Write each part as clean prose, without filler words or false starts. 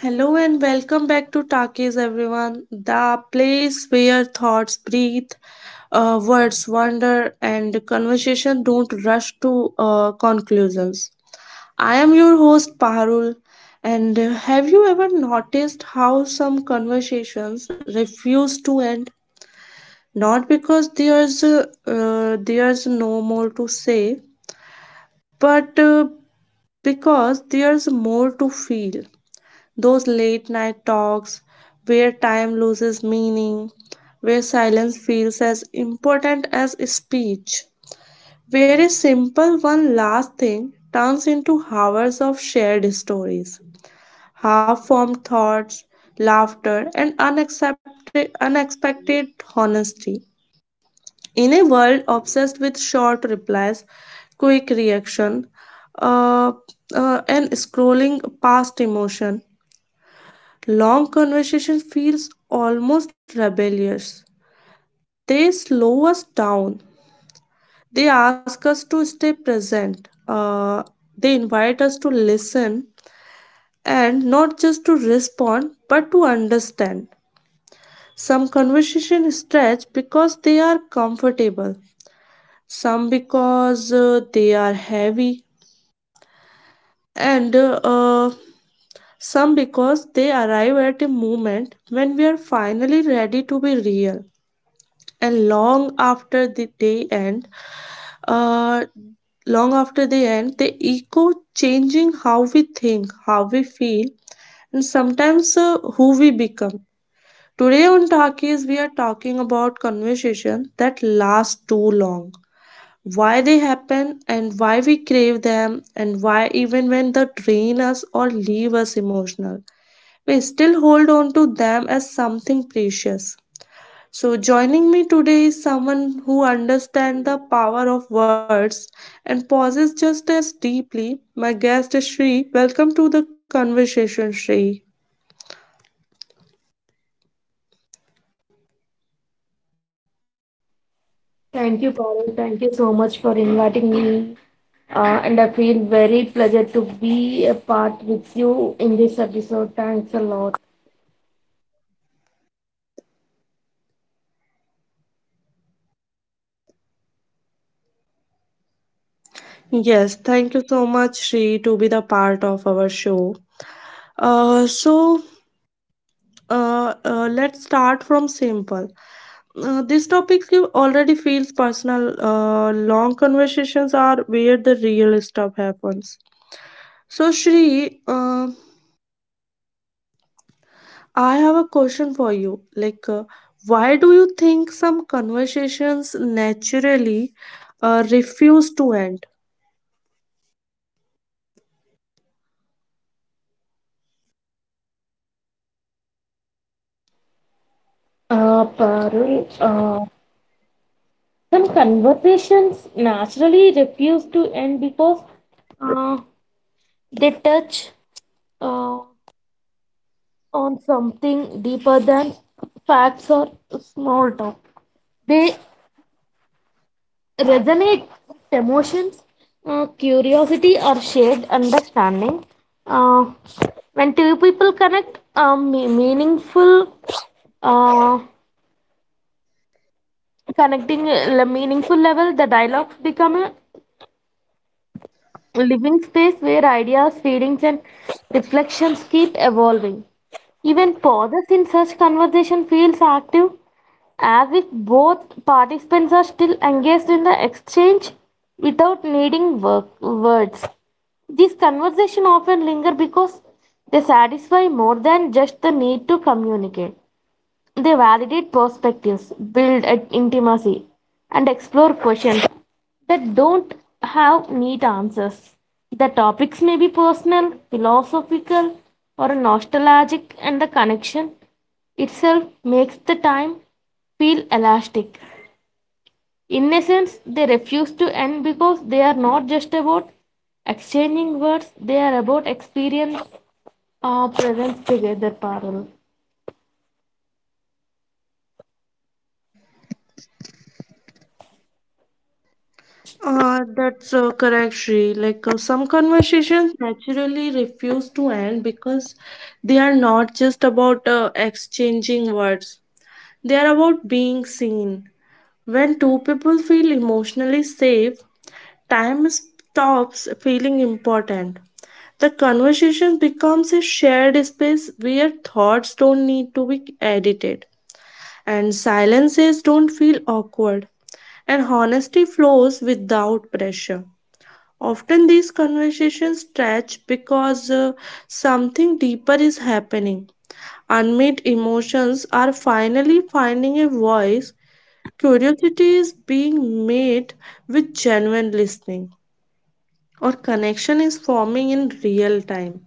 Hello and welcome back to Talkies, everyone, the place where thoughts breathe, words wander, and conversation don't rush to conclusions. I am your host, Parul, and have you ever noticed how some conversations refuse to end? Not because there's no more to say, but because there's more to feel. Those late night talks where time loses meaning, where silence feels as important as speech, where a simple one last thing turns into hours of shared stories, half formed thoughts, laughter, and unexpected honesty. In a world obsessed with short replies, quick reaction, uh, and scrolling past emotion, long conversation feels almost rebellious. They slow us down. They ask us to stay present. They invite us to listen and not just to respond but to understand. Some conversations stretch because they are comfortable, some because they are heavy, and some because they arrive at a moment when we are finally ready to be real. And long after the day end, uh, long after the end they echo, changing how we think, how we feel, and sometimes who we become. Today on Talkies, we are talking about conversation that last too long, why they happen, and why we crave them, and why even when they drain us or leave us emotional, we still hold on to them as something precious. So, joining me today is someone who understands the power of words and pauses just as deeply. My guest is Shri. Welcome to the conversation, Shri. Thank you, Parul. Thank you so much for inviting me. And I feel very pleasure to be a part with you in this episode. Thanks a lot. Yes, thank you so much, Shri, to be the part of our show. Uh, so, let's start from simple. This topic you already feels personal. Long conversations are where the real stuff happens. So, Shri, I have a question for you. Like, why do you think some conversations naturally refuse to end? Parul, some conversations naturally refuse to end because uh, they touch uh, on something deeper than facts or small talk. They resonate with emotions, curiosity, or shared understanding. Uh, when two people connect, me- meaningful uh, connecting meaningful level, the dialogues become a living space where ideas, feelings, and reflections keep evolving. Even pauses in such conversation feels active, as if both participants are still engaged in the exchange without needing work, words. These conversations often linger because they satisfy more than just the need to communicate. They validate perspectives, build at intimacy, and explore questions that don't have neat answers. The topics may be personal, philosophical, or nostalgic, and the connection itself makes the time feel elastic. In essence, they refuse to end because they are not just about exchanging words, they are about experience or presence together, Parul. That's correct, Shri. Like, some conversations naturally refuse to end because they are not just about exchanging words, they are about being seen. When two people feel emotionally safe, time stops feeling important. The conversation becomes a shared space where thoughts don't need to be edited, and silences don't feel awkward, and honesty flows without pressure. Often these conversations stretch because something deeper is happening. Unmet emotions are finally finding a voice. Curiosity is being met with genuine listening or connection is forming in real time.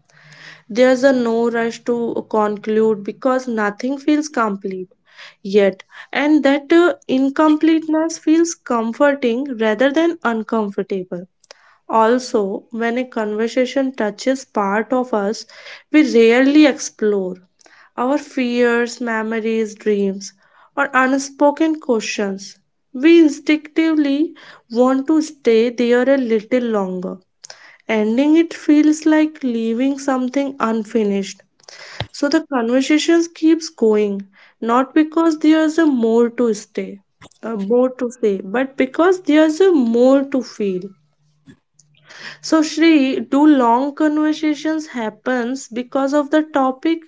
There's a no rush to conclude because nothing feels complete yet, and that incompleteness feels comforting rather than uncomfortable. Also, when a conversation touches part of us, we rarely explore our fears, memories, dreams, or unspoken questions. We instinctively want to stay there a little longer. Ending it feels like leaving something unfinished. So the conversations keeps going, not because there's a more to stay, more to say, but because there's a more to feel. So Shri, do long conversations happens because of the topic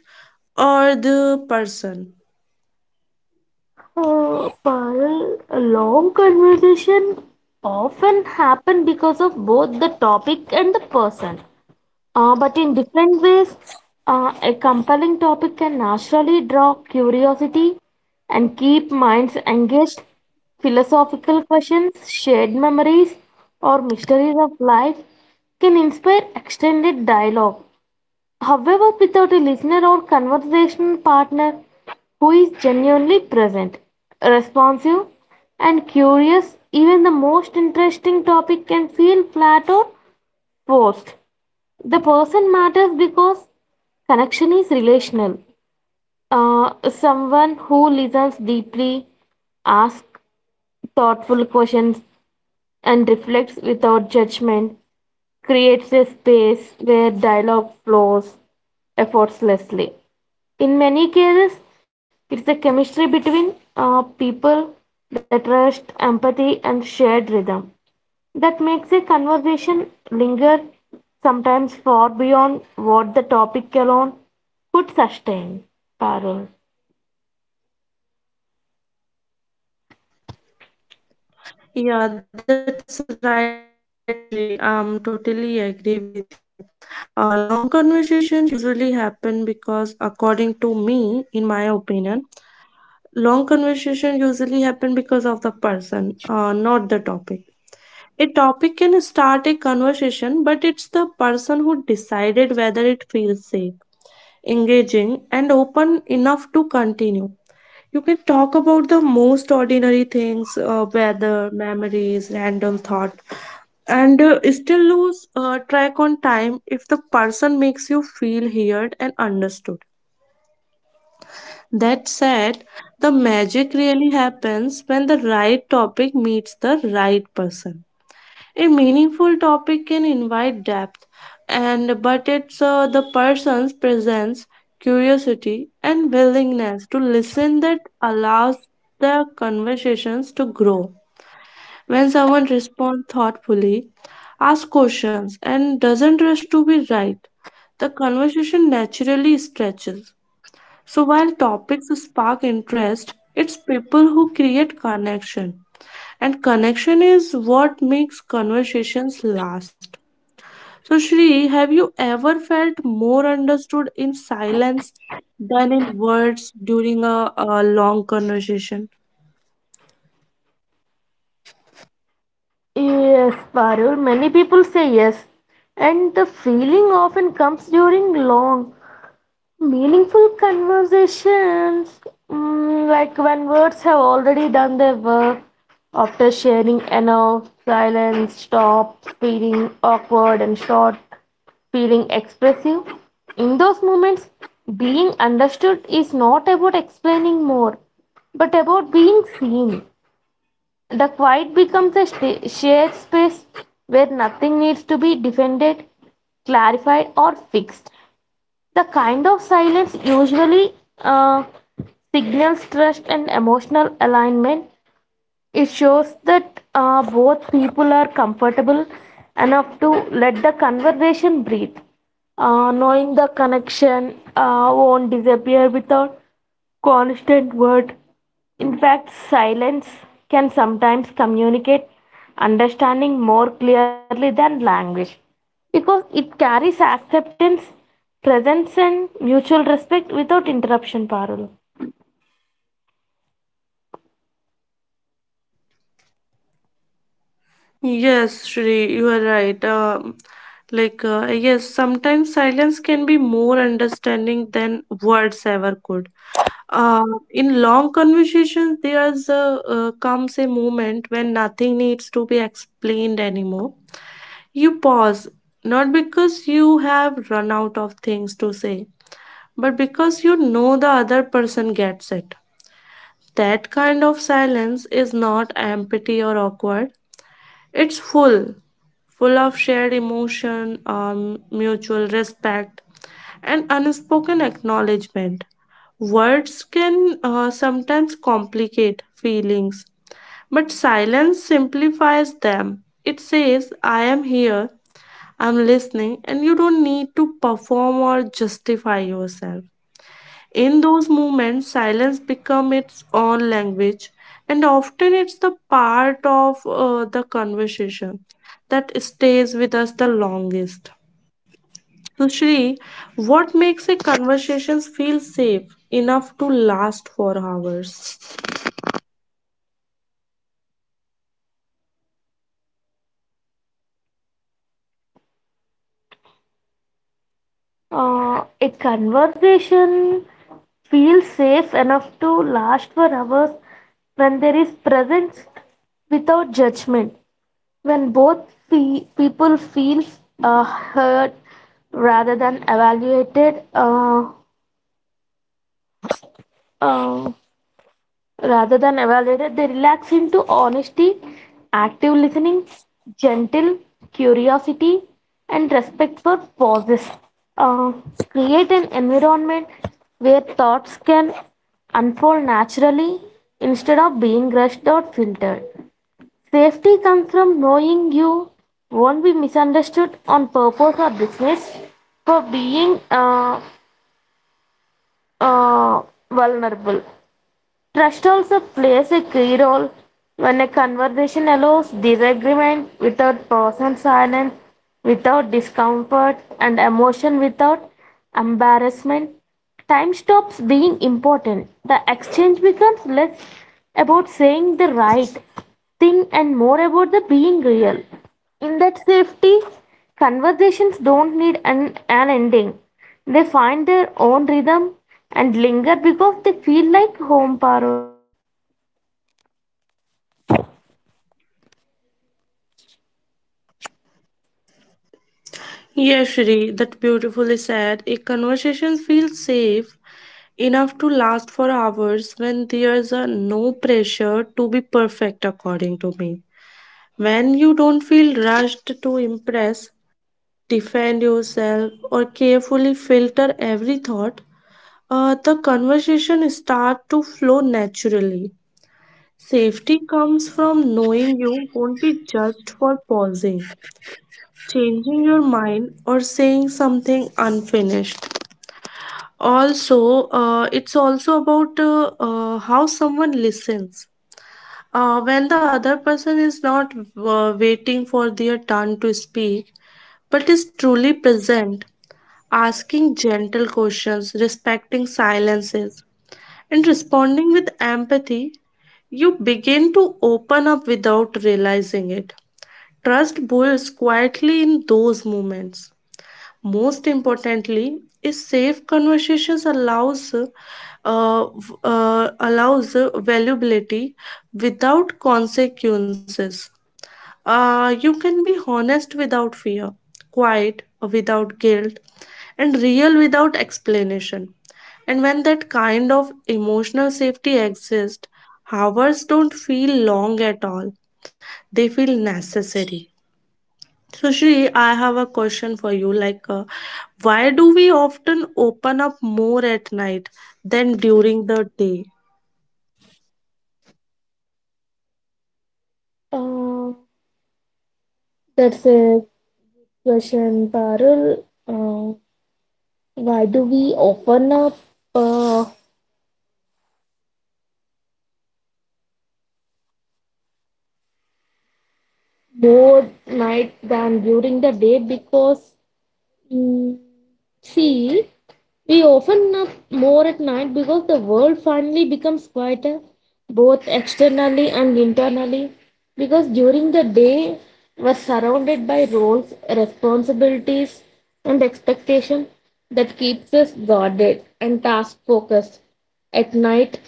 or the person? Parul, a long conversation often happen because of both the topic and the person, but in different ways. A compelling topic can naturally draw curiosity and keep minds engaged. Philosophical questions, shared memories, or mysteries of life can inspire extended dialogue. However, without a listener or conversational partner who is genuinely present, responsive, and curious, even the most interesting topic can feel flat or forced. The person matters because connection is relational. Someone who listens deeply, asks thoughtful questions, and reflects without judgment creates a space where dialogue flows effortlessly. In many cases, it's the chemistry between people, the trust, empathy, and shared rhythm that makes a conversation linger sometimes far beyond what the topic alone could sustain. Parul. Yeah, that's right, Shri. I'm totally agree with you. Long conversations usually happen because, according to me, in my opinion, long conversation usually happen because of the person, not the topic. A topic can start a conversation, but it's the person who decided whether it feels safe, engaging, and open enough to continue. You can talk about the most ordinary things, weather, memories, random thoughts, and still lose track on time person makes you feel heard and understood. That said, the magic really happens when the right topic meets the right person. A meaningful topic can invite depth, and but it's the person's presence, curiosity, and willingness to listen that allows the conversations to grow. When someone responds thoughtfully, asks questions, and doesn't rush to be right, the conversation naturally stretches. So while topics spark interest, it's people who create connection. And connection is what makes conversations last. So Shri, have you ever felt more understood in silence than in words during a long conversation? Yes, Parul. Many people say yes, and the feeling often comes during long meaningful conversations, mm, like when words have already done their work, after sharing enough, silence stops feeling awkward and short, feeling expressive. In those moments, being understood is not about explaining more, but about being seen. The quiet becomes a shared space where nothing needs to be defended, clarified, or fixed. The kind of silence usually uh, signals trust and emotional alignment. It shows that both people are comfortable enough to let the conversation breathe. Knowing the connection won't disappear without constant word. In fact, silence can sometimes communicate understanding more clearly than language because it carries acceptance, presence, and mutual respect without interruption. Parul. Yes, Shri, you are right. Like, yes, sometimes silence can be more understanding than words ever could. Uh, in long conversations, there's a comes a moment when nothing needs to be explained anymore. You pause, not because you have run out of things to say, but because you know the other person gets it. That kind of silence is not empty or awkward. It's full of shared emotion, mutual respect, and unspoken acknowledgement. Words can sometimes complicate feelings, but silence simplifies them. It says, I am here, I'm listening, and you don't need to perform or justify yourself. In those moments, silence becomes its own language, and often it's the part of the conversation that stays with us the longest. So, Shri, what makes a conversation feel safe enough to last for hours? A conversation feels safe enough to last for hours when there is presence without judgment. When both people feel heard rather than evaluated, uh, rather than evaluated, they relax into honesty, active listening, gentle curiosity, and respect for pauses. Uh, create an environment where thoughts can unfold naturally instead of being rushed or filtered. Safety comes from knowing you won't be misunderstood on purpose or business for being uh, vulnerable. Trust also plays a key role when a conversation allows disagreement without personal silence, without discomfort, and emotion without embarrassment. Time stops being important. The exchange becomes less about saying the right thing and more about the being real. In that safety, conversations don't need an ending. They find their own rhythm and linger because they feel like home, Parul. Yes, Shri, that beautifully said. A conversation feels safe enough to last for hours when there's a no pressure to be perfect, according to me. When you don't feel rushed to impress, defend yourself, or carefully filter every thought, the conversation start to flow naturally. Safety comes from knowing you won't be judged for pausing, changing your mind, or saying something unfinished. Also, it's also about how someone listens. When the other person is not waiting for their turn to speak, but is truly present, asking gentle questions, respecting silences, and responding with empathy, you begin to open up without realizing it. Trust builds quietly in those moments. Most importantly, is safe conversations allows allows valuability without consequences. You can be honest without fear, quiet without guilt, and real without explanation. And when that kind of emotional safety exists, hours don't feel long at all. They feel necessary. So, Shri, I have a question for you. Like, why do we often open up more at night than during the day? Uh, that's a question, Parul. Uh, why do we often up uh, more night than during the day? Because mm, see, we often up more at night because the world finally becomes quieter, both externally and internally. Because during the day, we're surrounded by roles, responsibilities, and expectation that keeps us guarded and task focused. At night,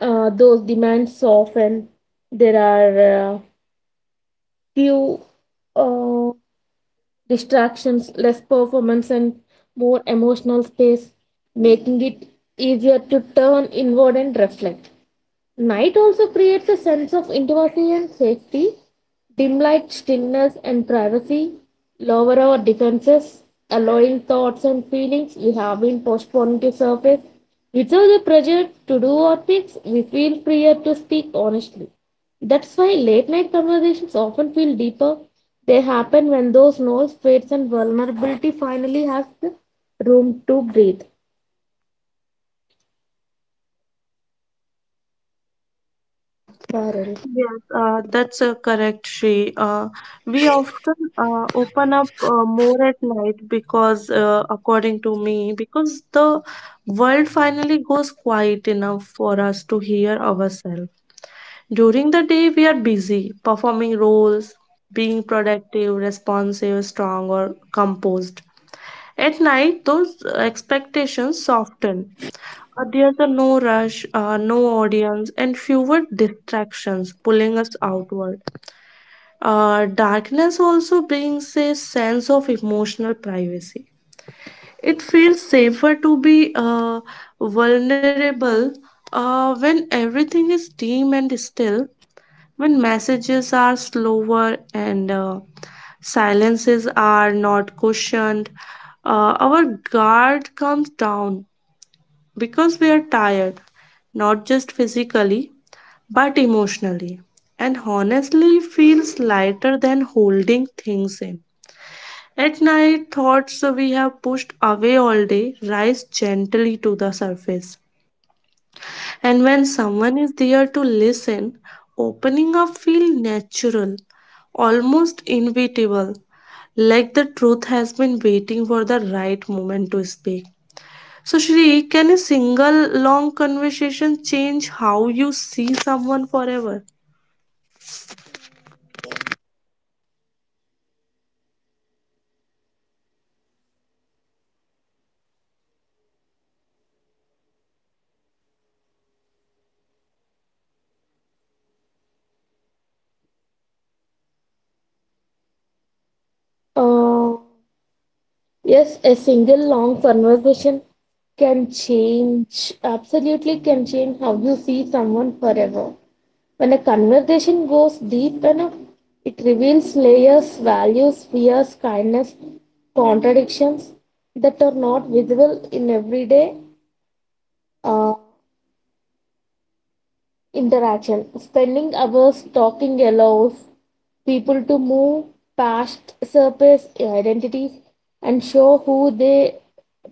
those demands soften. There are few uh, distractions, less performance, and more emotional space, making it easier to turn inward and reflect. Night also creates a sense of intimacy and safety. Dim light, stillness, and privacy lower our defenses, allowing thoughts and feelings we have been postponing to surface. Without the pressure to do or fix, we feel freer to speak honestly. That's why late night conversations often feel deeper. They happen when those noise fades and vulnerability finally have the room to breathe. Parallel. Yes, that's correct, Shri. We often open up more at night because, according to me, because the world finally goes quiet enough for us to hear ourselves. During the day, we are busy performing roles, being productive, responsive, strong, or composed. At night, those expectations soften. There's a no rush, no audience, and fewer distractions pulling us outward. Darkness also brings a sense of emotional privacy. It feels safer to be vulnerable when everything is dim and still, when messages are slower and silences are not cushioned. Our guard comes down because we are tired, not just physically but emotionally, and honestly feels lighter than holding things in. At night, thoughts we have pushed away all day rise gently to the surface. And when someone is there to listen, opening up feels natural, almost inevitable, like the truth has been waiting for the right moment to speak. So, Shri, can a single long conversation change how you see someone forever? Uh, Yes, a single long conversation can change, absolutely can change how you see someone forever. When a conversation goes deep enough, it reveals layers, values, fears, kindness, contradictions that are not visible in everyday uh, interaction. Spending hours talking allows people to move past surface identities and show who they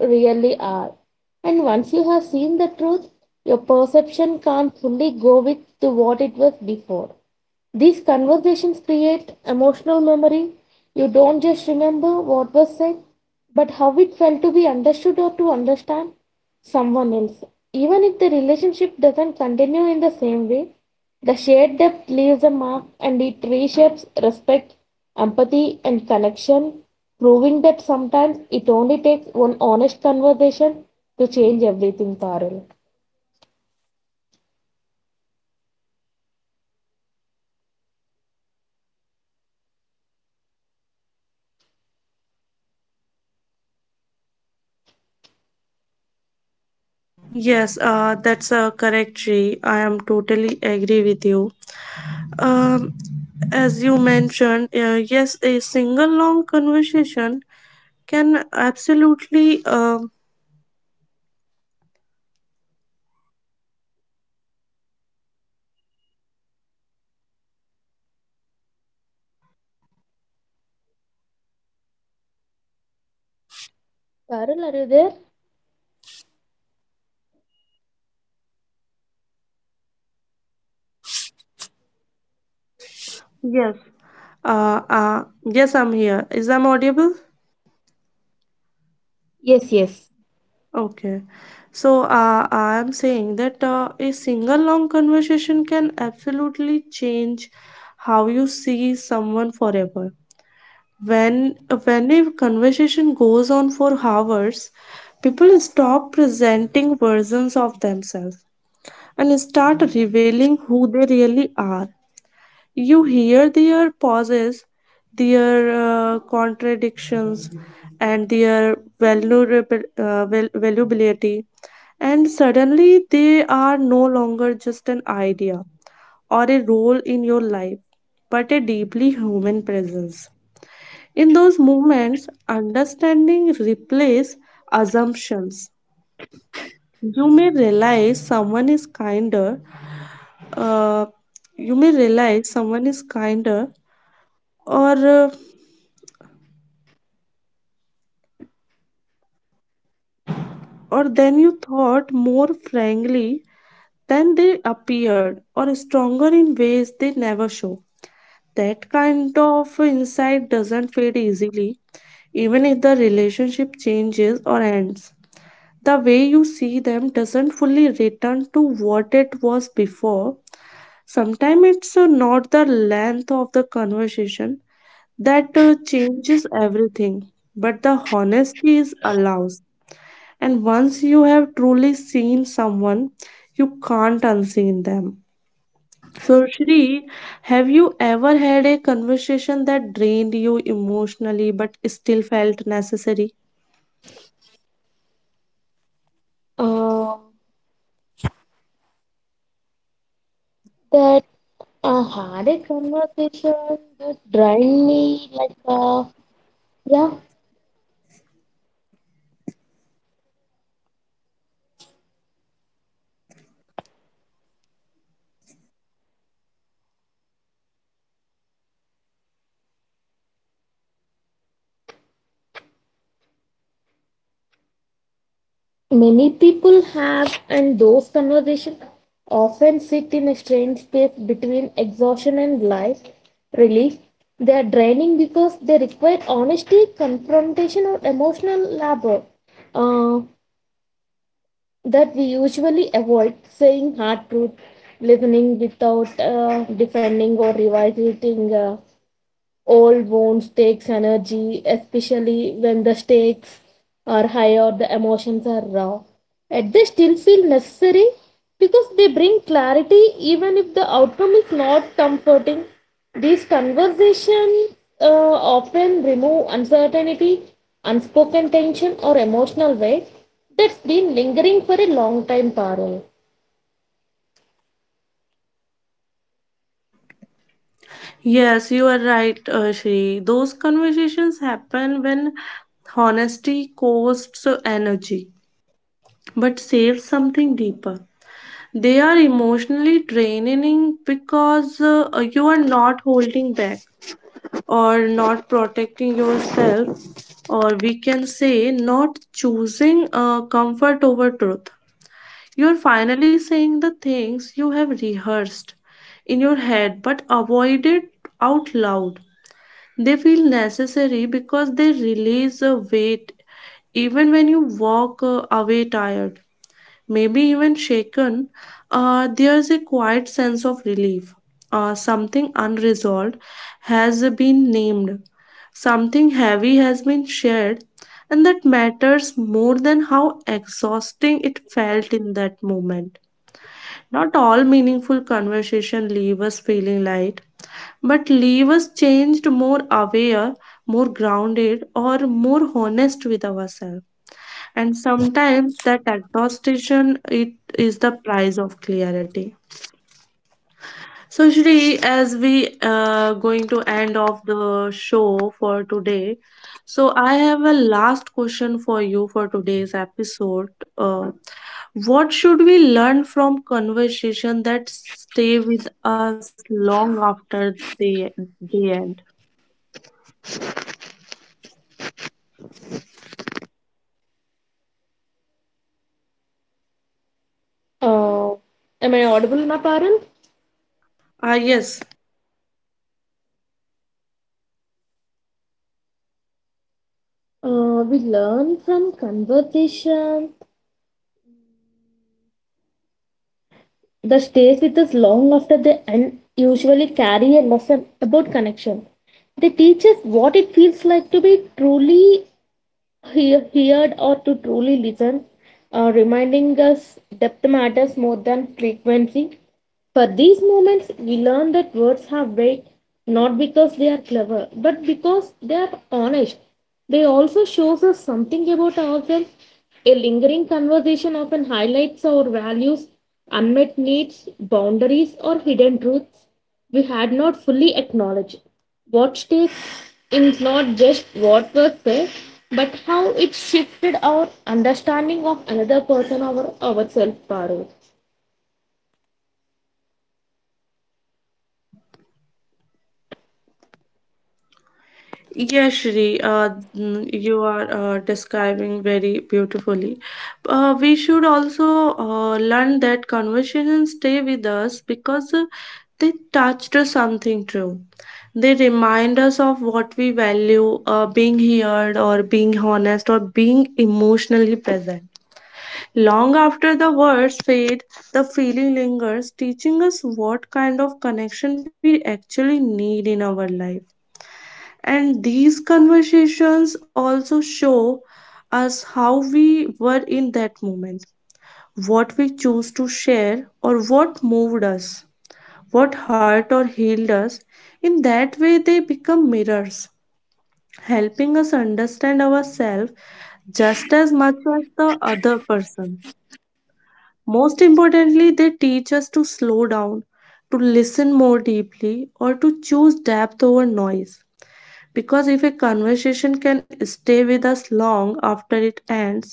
really are. And once you have seen the truth, your perception can't fully go with to what it was before. These conversations create emotional memory. You don't just remember what was said, but how it felt to be understood or to understand someone else. Even if the relationship doesn't continue in the same way, the shared depth leaves a mark and it reshapes respect, empathy, and connection, proving that sometimes it only takes one honest conversation to change everything, Parul. Yes, that's correct, Sri. I am totally agree with you. Um, as you mentioned, yes, a single long conversation can absolutely. Parul, are you there? Yes. Yes, I'm here. Is I'm audible? Yes, yes. Okay. So I am saying that a single long conversation can absolutely change how you see someone forever. When when a conversation goes on for hours, people stop presenting versions of themselves and start revealing who they really are. You hear their pauses, their contradictions, and their vulnerable valuability, and suddenly they are no longer just an idea or a role in your life, but a deeply human presence. In those moments, understanding replaces assumptions. You may realize someone is uh, kinder or than you thought, more frankly than they appeared, or stronger in ways they never show. That kind of insight doesn't fade easily, even if the relationship changes or ends. The way you see them doesn't fully return to what it was before. Sometimes it's not the length of the conversation that changes everything, but the honesty is allows. And once you have truly seen someone, you can't unseen them. So, Shri, have you ever had a conversation that drained you emotionally but still felt necessary? Uh, that I had a conversation that drained me like, yeah, many people have, and those conversations often sit in a strange space between exhaustion and life relief. They are draining because they require honesty, confrontation, or emotional labor uh, that we usually avoid, saying hard truth, listening without defending or revisiting old wounds takes energy, especially when the stakes are high or the emotions are raw. Yet they still feel necessary because they bring clarity even if the outcome is not comforting. These conversations often remove uncertainty, unspoken tension, or emotional weight that's been lingering for a long time, Parul. Yes, you are right, Shri. Those conversations happen when honesty costs energy but saves something deeper. They are emotionally draining because you are not holding back or not protecting yourself, or we can say, not choosing comfort over truth. You are finally saying the things you have rehearsed in your head but avoided out loud. They feel necessary because they release a weight even when you walk away tired, maybe even shaken. There's a quiet sense of relief. Something unresolved has been named, something heavy has been shared, and that matters more than how exhausting it felt in that moment. Not all meaningful conversation leave us feeling light but leave us changed, more aware, more grounded, or more honest with ourselves. And sometimes that exhaustion it is the price of clarity. So Shri, as we going to end of the show for today, so I have a last question for you for today's episode. What should we learn from conversation that stay with us long after they end? Uh, am I audible now, Parul? Ah yes. We learn from conversation that stays with us long after they end usually carry a lesson about connection. They teach us what it feels like to be truly he heard or to truly listen, reminding us depth matters more than frequency. For these moments, we learn that words have weight not because they are clever, but because they are honest. They also show us something about ourselves. A lingering conversation often highlights our values, unmet needs, boundaries, or hidden truths we had not fully acknowledged. What takes is not just what was said, but how it shifted our understanding of another person or ourselves, Parul. Yeah, Shri, you are describing very beautifully. We should also learn that conversations stay with us because they touched us something true. They remind us of what we value, being heard or being honest or being emotionally present. Long after the words fade, the feeling lingers, teaching us what kind of connection we actually need in our life. And these conversations also show us how we were in that moment, what we chose to share, or what moved us, what hurt or healed us. In that way, they become mirrors, helping us understand ourselves just as much as the other person. Most importantly, they teach us to slow down, to listen more deeply, or to choose depth over noise. Because if a conversation can stay with us long after it ends,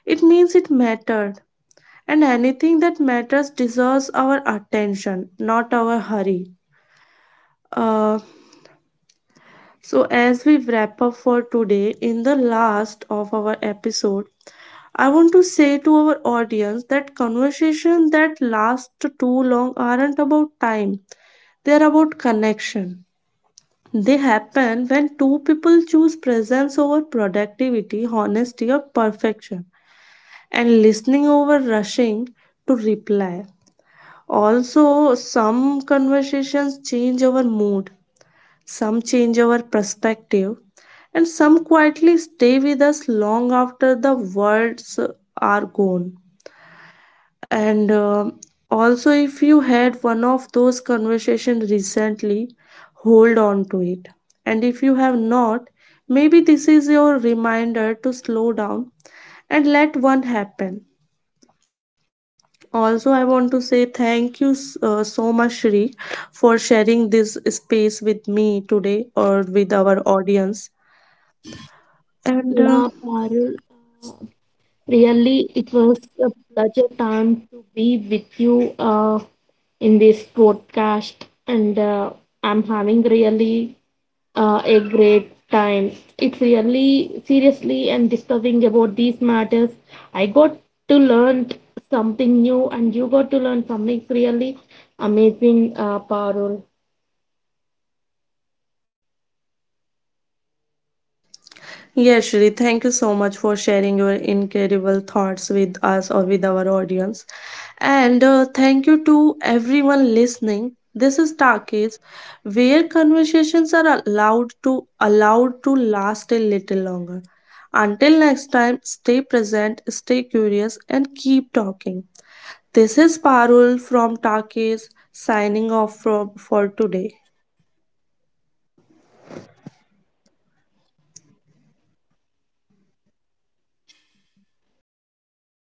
it means it mattered. And anything that matters deserves our attention, not our hurry. Uh, so, as we wrap up for today, in the last of our episode, I want to say to our audience that conversations that last too long aren't about time, they are about connection. They happen when two people choose presence over productivity, honesty, or perfection, and listening over rushing to reply. Also, some conversations change our mood, some change our perspective, and some quietly stay with us long after the words are gone. And if you had one of those conversations recently, hold on to it. And if you have not, maybe this is your reminder to slow down and let one happen. Also, I want to say thank you so much, Shri, for sharing this space with me today or with our audience. And Yeah, Parul. Really, it was a pleasure time to be with you in this podcast, and I'm having really a great time. It's really seriously and discussing about these matters. I got to learn something new, and you got to learn something really amazing, Parul. yes, Shri, thank you so much for sharing your incredible thoughts with us or with our audience. And thank you to everyone listening. This is Takis, where conversations are allowed to last a little longer. Until next time, stay present, stay curious, and keep talking. This is Parul from Takis signing off for today.